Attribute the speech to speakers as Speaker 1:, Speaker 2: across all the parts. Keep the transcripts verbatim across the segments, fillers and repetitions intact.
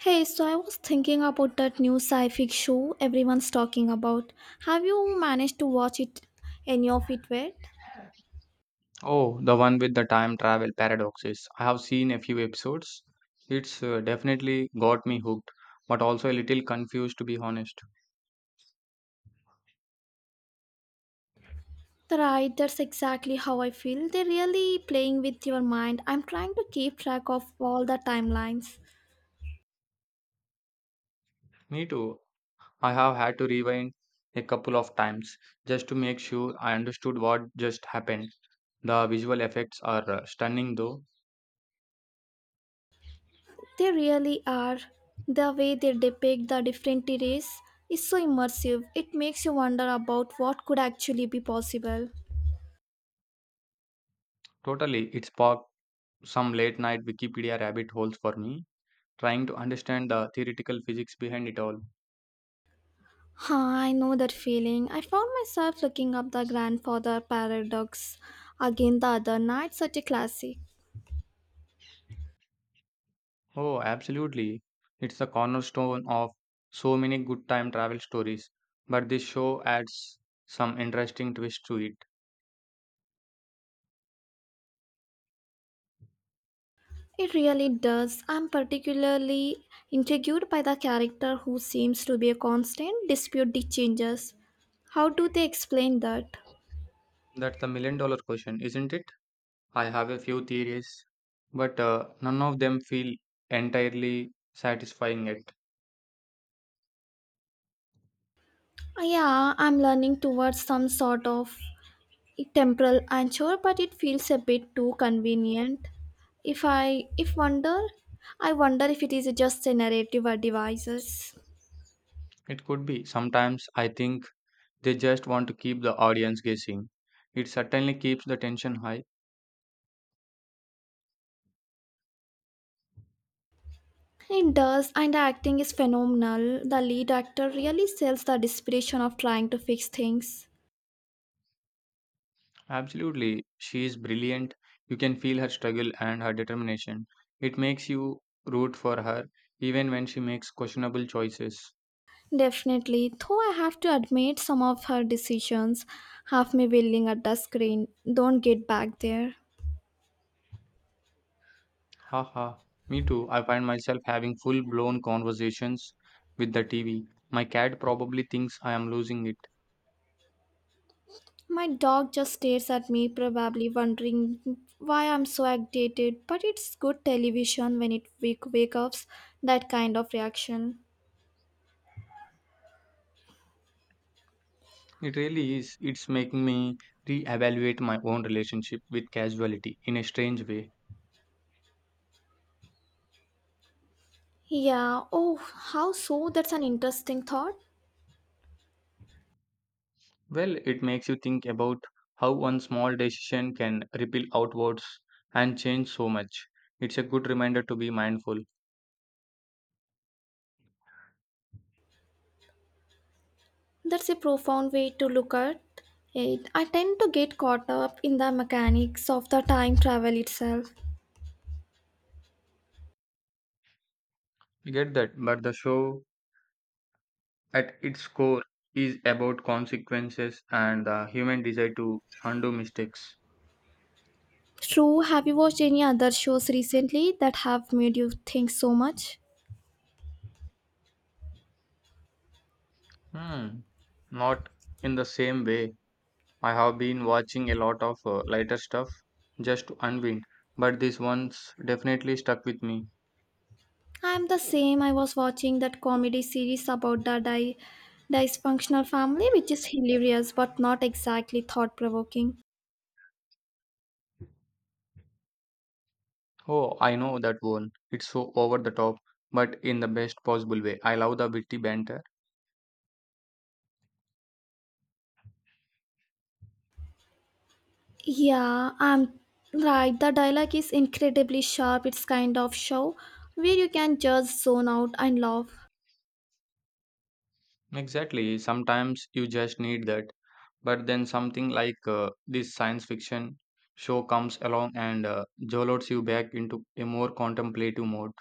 Speaker 1: Hey, so I was thinking about that new sci-fi show everyone's talking about. Have you managed to watch it any of it yet?
Speaker 2: Oh, the one with the time travel paradoxes. I have seen a few episodes. It's uh, definitely got me hooked, but also a little confused to be honest.
Speaker 1: Right, that's exactly how I feel. They're really playing with your mind. I'm trying to keep track of all the timelines.
Speaker 2: Me too. I have had to rewind a couple of times just to make sure I understood what just happened. The visual effects are uh, stunning though.
Speaker 1: They really are. The way they depict the different eras is so immersive. It makes you wonder about what could actually be possible.
Speaker 2: Totally, it sparked some late night Wikipedia rabbit holes for me, trying to understand the theoretical physics behind it all.
Speaker 1: Ah, I know that feeling. I found myself looking up the grandfather paradox again the other night, such a classic.
Speaker 2: Oh, absolutely. It's the cornerstone of so many good time travel stories. But this show adds some interesting twist to it.
Speaker 1: It really does. I'm particularly intrigued by the character who seems to be a constant dispute the changes. How do they explain that?
Speaker 2: That's the million dollar question, isn't it? I have a few theories, but uh, none of them feel entirely satisfying yet.
Speaker 1: Ah, Yeah, I'm learning towards some sort of temporal anchor, but it feels a bit too convenient. If I if wonder, I wonder if it is just a narrative or devices.
Speaker 2: It could be. Sometimes I think they just want to keep the audience guessing. It certainly keeps the tension high.
Speaker 1: It does, and the acting is phenomenal. The lead actor really sells the desperation of trying to fix things.
Speaker 2: Absolutely. She is brilliant. You can feel her struggle and her determination. It makes you root for her even when she makes questionable choices.
Speaker 1: Definitely, though I have to admit some of her decisions have me willing at the screen. Don't get back there.
Speaker 2: Haha. Me too. I find myself having full blown conversations with the T V. My cat probably thinks I am losing it.
Speaker 1: My dog just stares at me, probably wondering why I'm so agitated, but it's good television when it wake, wake up that kind of reaction.
Speaker 2: It really is. It's making me reevaluate my own relationship with casuality in a strange way.
Speaker 1: Yeah. oh, how so? That's an interesting thought.
Speaker 2: Well, it makes you think about how one small decision can ripple outwards and change so much. It's a good reminder to be mindful.
Speaker 1: That's a profound way to look at it. I tend to get caught up in the mechanics of the time travel itself.
Speaker 2: I get that, but the show at its core is about consequences and the human desire to undo mistakes.
Speaker 1: True, have you watched any other shows recently that have made you think so much?
Speaker 2: Hmm. Not in the same way. I have been watching a lot of uh, lighter stuff just to unwind, but this one's definitely stuck with me.
Speaker 1: I'm the same. I was watching that comedy series about the di- dysfunctional family, which is hilarious but not exactly thought provoking.
Speaker 2: Oh, I know that one. It's so over the top, but in the best possible way. I love the witty banter.
Speaker 1: Yeah, I'm right. The dialogue is incredibly sharp. It's kind of show where you can just zone out and laugh.
Speaker 2: Exactly. Sometimes you just need that. But then something like uh, this science fiction show comes along and uh, jolts you back into a more contemplative mode.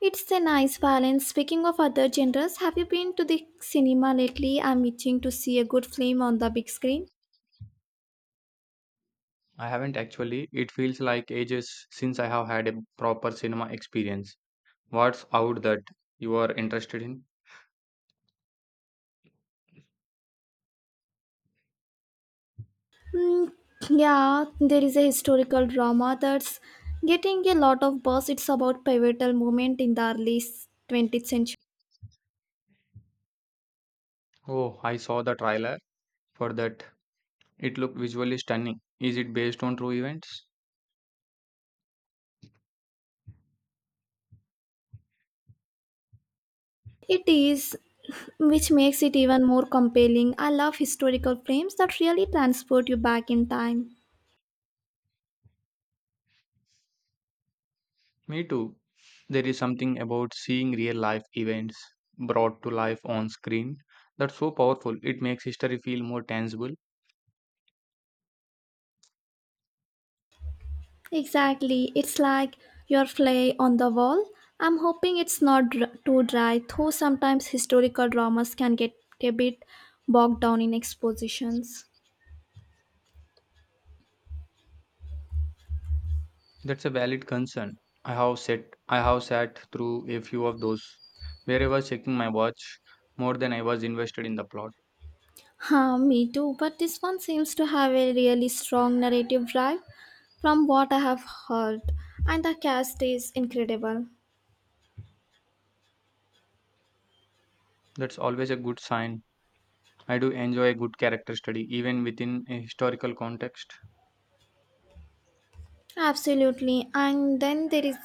Speaker 1: It's a nice balance. Speaking of other genres, have you been to the cinema lately? I'm itching to see a good film on the big screen.
Speaker 2: I haven't actually. It feels like ages since I have had a proper cinema experience. What's out that you are interested in?
Speaker 1: Mm, yeah, there is a historical drama that's getting a lot of buzz. It's about pivotal moment in the early twentieth century.
Speaker 2: Oh, I saw the trailer for that. It looked visually stunning. Is it based on true events?
Speaker 1: It is, which makes it even more compelling. I love historical films that really transport you back in time.
Speaker 2: Me too. There is something about seeing real life events brought to life on screen that's so powerful. It makes history feel more tangible.
Speaker 1: Exactly. It's like your play on the wall. I'm hoping it's not dr- too dry, though sometimes historical dramas can get a bit bogged down in expositions.
Speaker 2: That's a valid concern. I have sat I have sat through a few of those where I was checking my watch more than I was invested in the plot.
Speaker 1: Huh, me too. But this one seems to have a really strong narrative drive from what I have heard. And the cast is incredible.
Speaker 2: That's always a good sign. I do enjoy a good character study even within a historical context.
Speaker 1: Absolutely. And then there is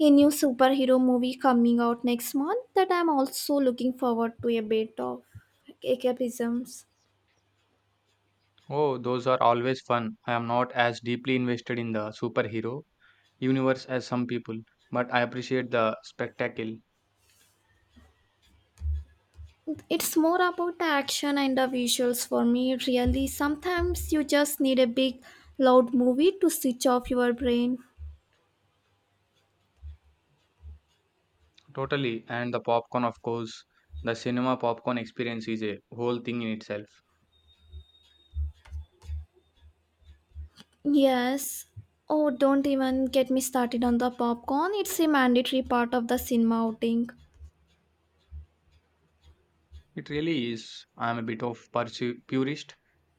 Speaker 1: a new superhero movie coming out next month that I'm also looking forward to a bit of escapisms.
Speaker 2: Oh, those are always fun. I am not as deeply invested in the superhero universe as some people, but I appreciate the spectacle
Speaker 1: It's more about the action and the visuals for me, really. Sometimes you just need a big, loud movie to switch off your brain.
Speaker 2: totally and the popcorn, of course. The cinema popcorn experience is a whole thing in itself.
Speaker 1: Yes. Oh, don't even get me started on the popcorn. It's a mandatory part of the cinema outing.
Speaker 2: It really is. I am a bit of pursu- purist,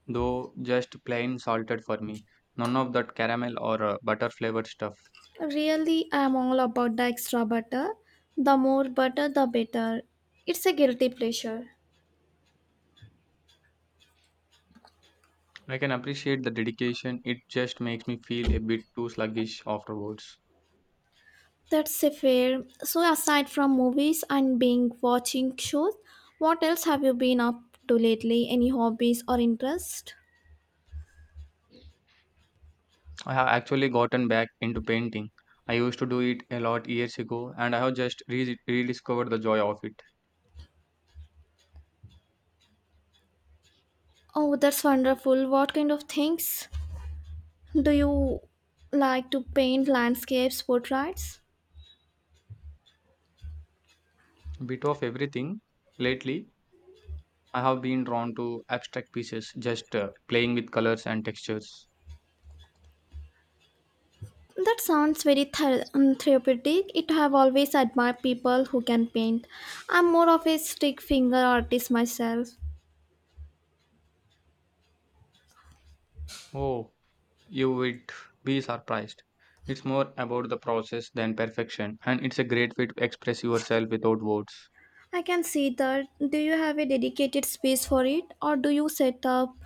Speaker 2: though just plain salted for me. None of that caramel or uh, butter flavored stuff.
Speaker 1: Really, I'm all about the extra butter. The more butter, the better. It's a guilty pleasure.
Speaker 2: I can appreciate the dedication. It just makes me feel a bit too sluggish afterwards.
Speaker 1: That's a fair. So aside from movies and being watching shows, what else have you been up to lately? Any hobbies or interest?
Speaker 2: I have actually gotten back into painting. I used to do it a lot years ago, and I have just re- rediscovered the joy of it.
Speaker 1: Oh, that's wonderful. What kind of things do you like to paint landscapes, portraits?
Speaker 2: Bit of everything. Lately, I have been drawn to abstract pieces, just uh, playing with colors and textures.
Speaker 1: That sounds very ther- um, therapeutic. It have always admired people who can paint. I'm more of a stick finger artist myself.
Speaker 2: Oh, you would be surprised. It's more about the process than perfection, and it's a great way to express yourself without words.
Speaker 1: I can see that. Do you have a dedicated space for it or do you set up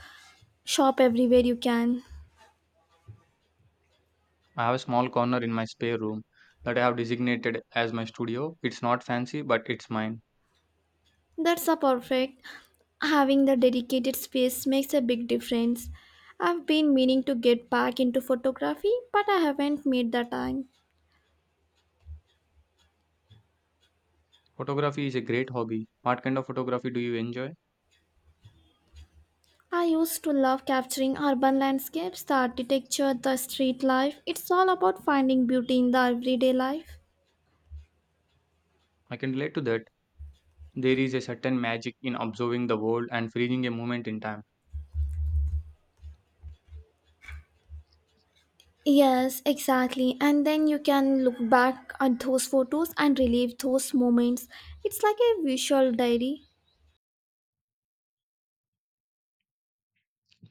Speaker 1: shop everywhere you can?
Speaker 2: I have a small corner in my spare room that I have designated as my studio. It's not fancy, but it's mine.
Speaker 1: That's a perfect. Having the dedicated space makes a big difference. I've been meaning to get back into photography, but I haven't made the time.
Speaker 2: Photography is a great hobby. What kind of photography do you enjoy?
Speaker 1: I used to love capturing urban landscapes, the architecture, the street life. It's all about finding beauty in the everyday life.
Speaker 2: I can relate to that. There is a certain magic in observing the world and freezing a moment in time.
Speaker 1: Yes, exactly. And then you can look back at those photos and relive those moments. It's like a visual diary.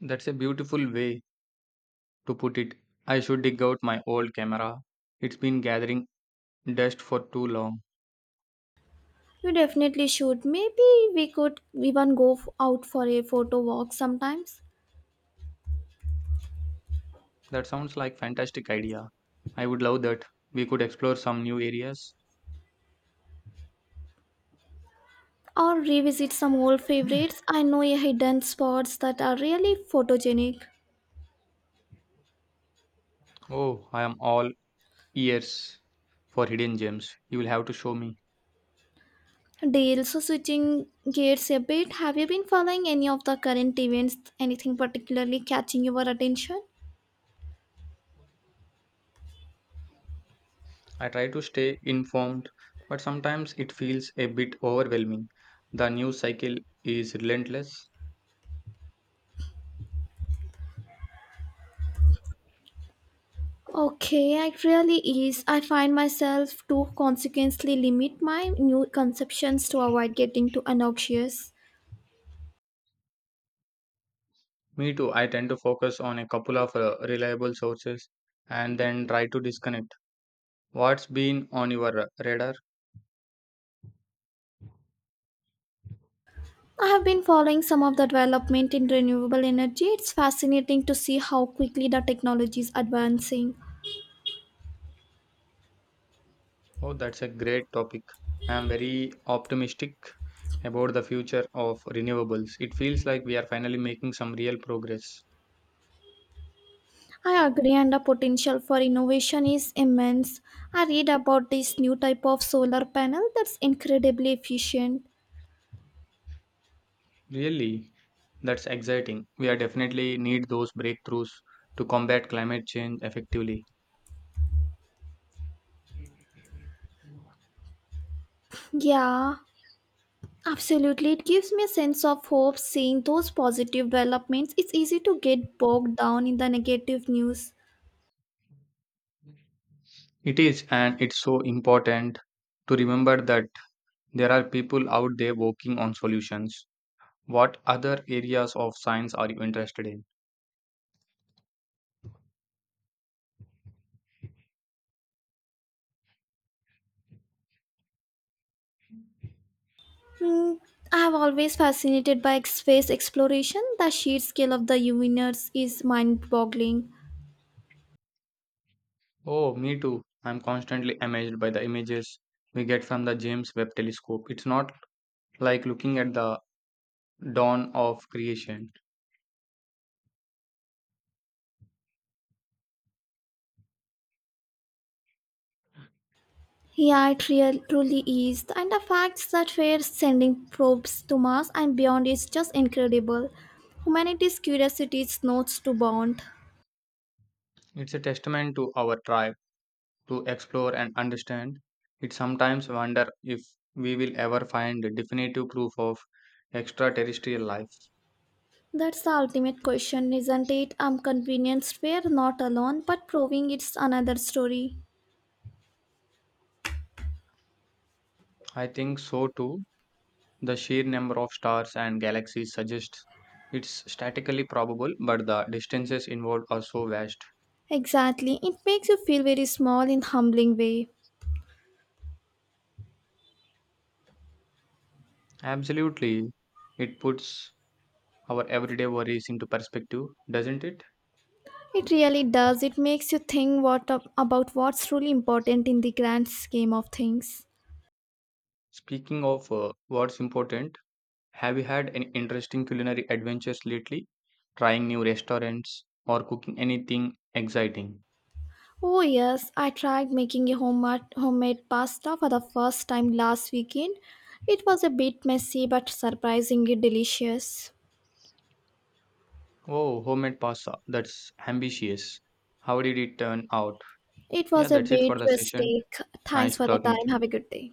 Speaker 2: That's a beautiful way to put it. I should dig out my old camera. It's been gathering dust for too long.
Speaker 1: You definitely should. Maybe we could even go f- out for a photo walk sometimes,
Speaker 2: That sounds like fantastic idea. I would love that. We could explore some new areas.
Speaker 1: or revisit some old favorites. I know a hidden spots that are really photogenic.
Speaker 2: Oh, I am all ears for hidden gems. You will have to show me.
Speaker 1: Deal, so switching gears a bit, have you been following any of the current events? Anything particularly catching your attention?
Speaker 2: I try to stay informed, but sometimes it feels a bit overwhelming. The news cycle is relentless.
Speaker 1: Okay, it really is. I find myself to consequently limit my new conceptions to avoid getting too obnoxious.
Speaker 2: Me too. I tend to focus on a couple of uh, reliable sources and then try to disconnect. What's been on your radar?
Speaker 1: I have been following some of the development in renewable energy. It's fascinating to see how quickly the technology is advancing.
Speaker 2: Oh, that's a great topic. I am very optimistic about the future of renewables. It feels like we are finally making some real progress.
Speaker 1: I agree, and the potential for innovation is immense. I read about this new type of solar panel that's incredibly efficient.
Speaker 2: Really, that's exciting. We are definitely need those breakthroughs to combat climate change effectively.
Speaker 1: Yeah, absolutely. It gives me a sense of hope seeing those positive developments. It's easy to get bogged down in the negative news.
Speaker 2: It is, and it's so important to remember that there are people out there working on solutions. What other areas of science are you interested in?
Speaker 1: Hmm, I have always fascinated by ex- space exploration. The sheer scale of the universe is mind-boggling.
Speaker 2: Oh, me too. I'm constantly amazed by the images we get from the James Webb Telescope. It's not like looking at the dawn of creation,
Speaker 1: Yeah, it real, truly is, and the fact that we're sending probes to Mars and beyond is just incredible. Humanity's curiosity is not to bound.
Speaker 2: it's a testament to our drive to explore and understand. It sometimes wonder if we will ever find definitive proof of extraterrestrial life.
Speaker 1: That's the ultimate question, isn't it? I'm convinced we're not alone, but proving it's another story.
Speaker 2: I think so too. The sheer number of stars and galaxies suggests it's statistically probable, but the distances involved are so vast.
Speaker 1: Exactly, it makes you feel very small in humbling way.
Speaker 2: Absolutely. It puts our everyday worries into perspective, doesn't it?
Speaker 1: It really does. It makes you think what ab- about what's really important in the grand scheme of things.
Speaker 2: Speaking of uh, what's important, have you had any interesting culinary adventures lately? Trying new restaurants or cooking anything exciting?
Speaker 1: Oh yes, I tried making a home- homemade pasta for the first time last weekend. It was a bit messy but surprisingly delicious.
Speaker 2: Oh, homemade pasta. That's ambitious. How did it turn out?
Speaker 1: It
Speaker 2: Yeah,
Speaker 1: was a
Speaker 2: that's it for
Speaker 1: bit
Speaker 2: the session.
Speaker 1: rustic.
Speaker 2: Nice
Speaker 1: Thanks
Speaker 2: to
Speaker 1: for the
Speaker 2: talk with
Speaker 1: time.
Speaker 2: you.
Speaker 1: Have a good day.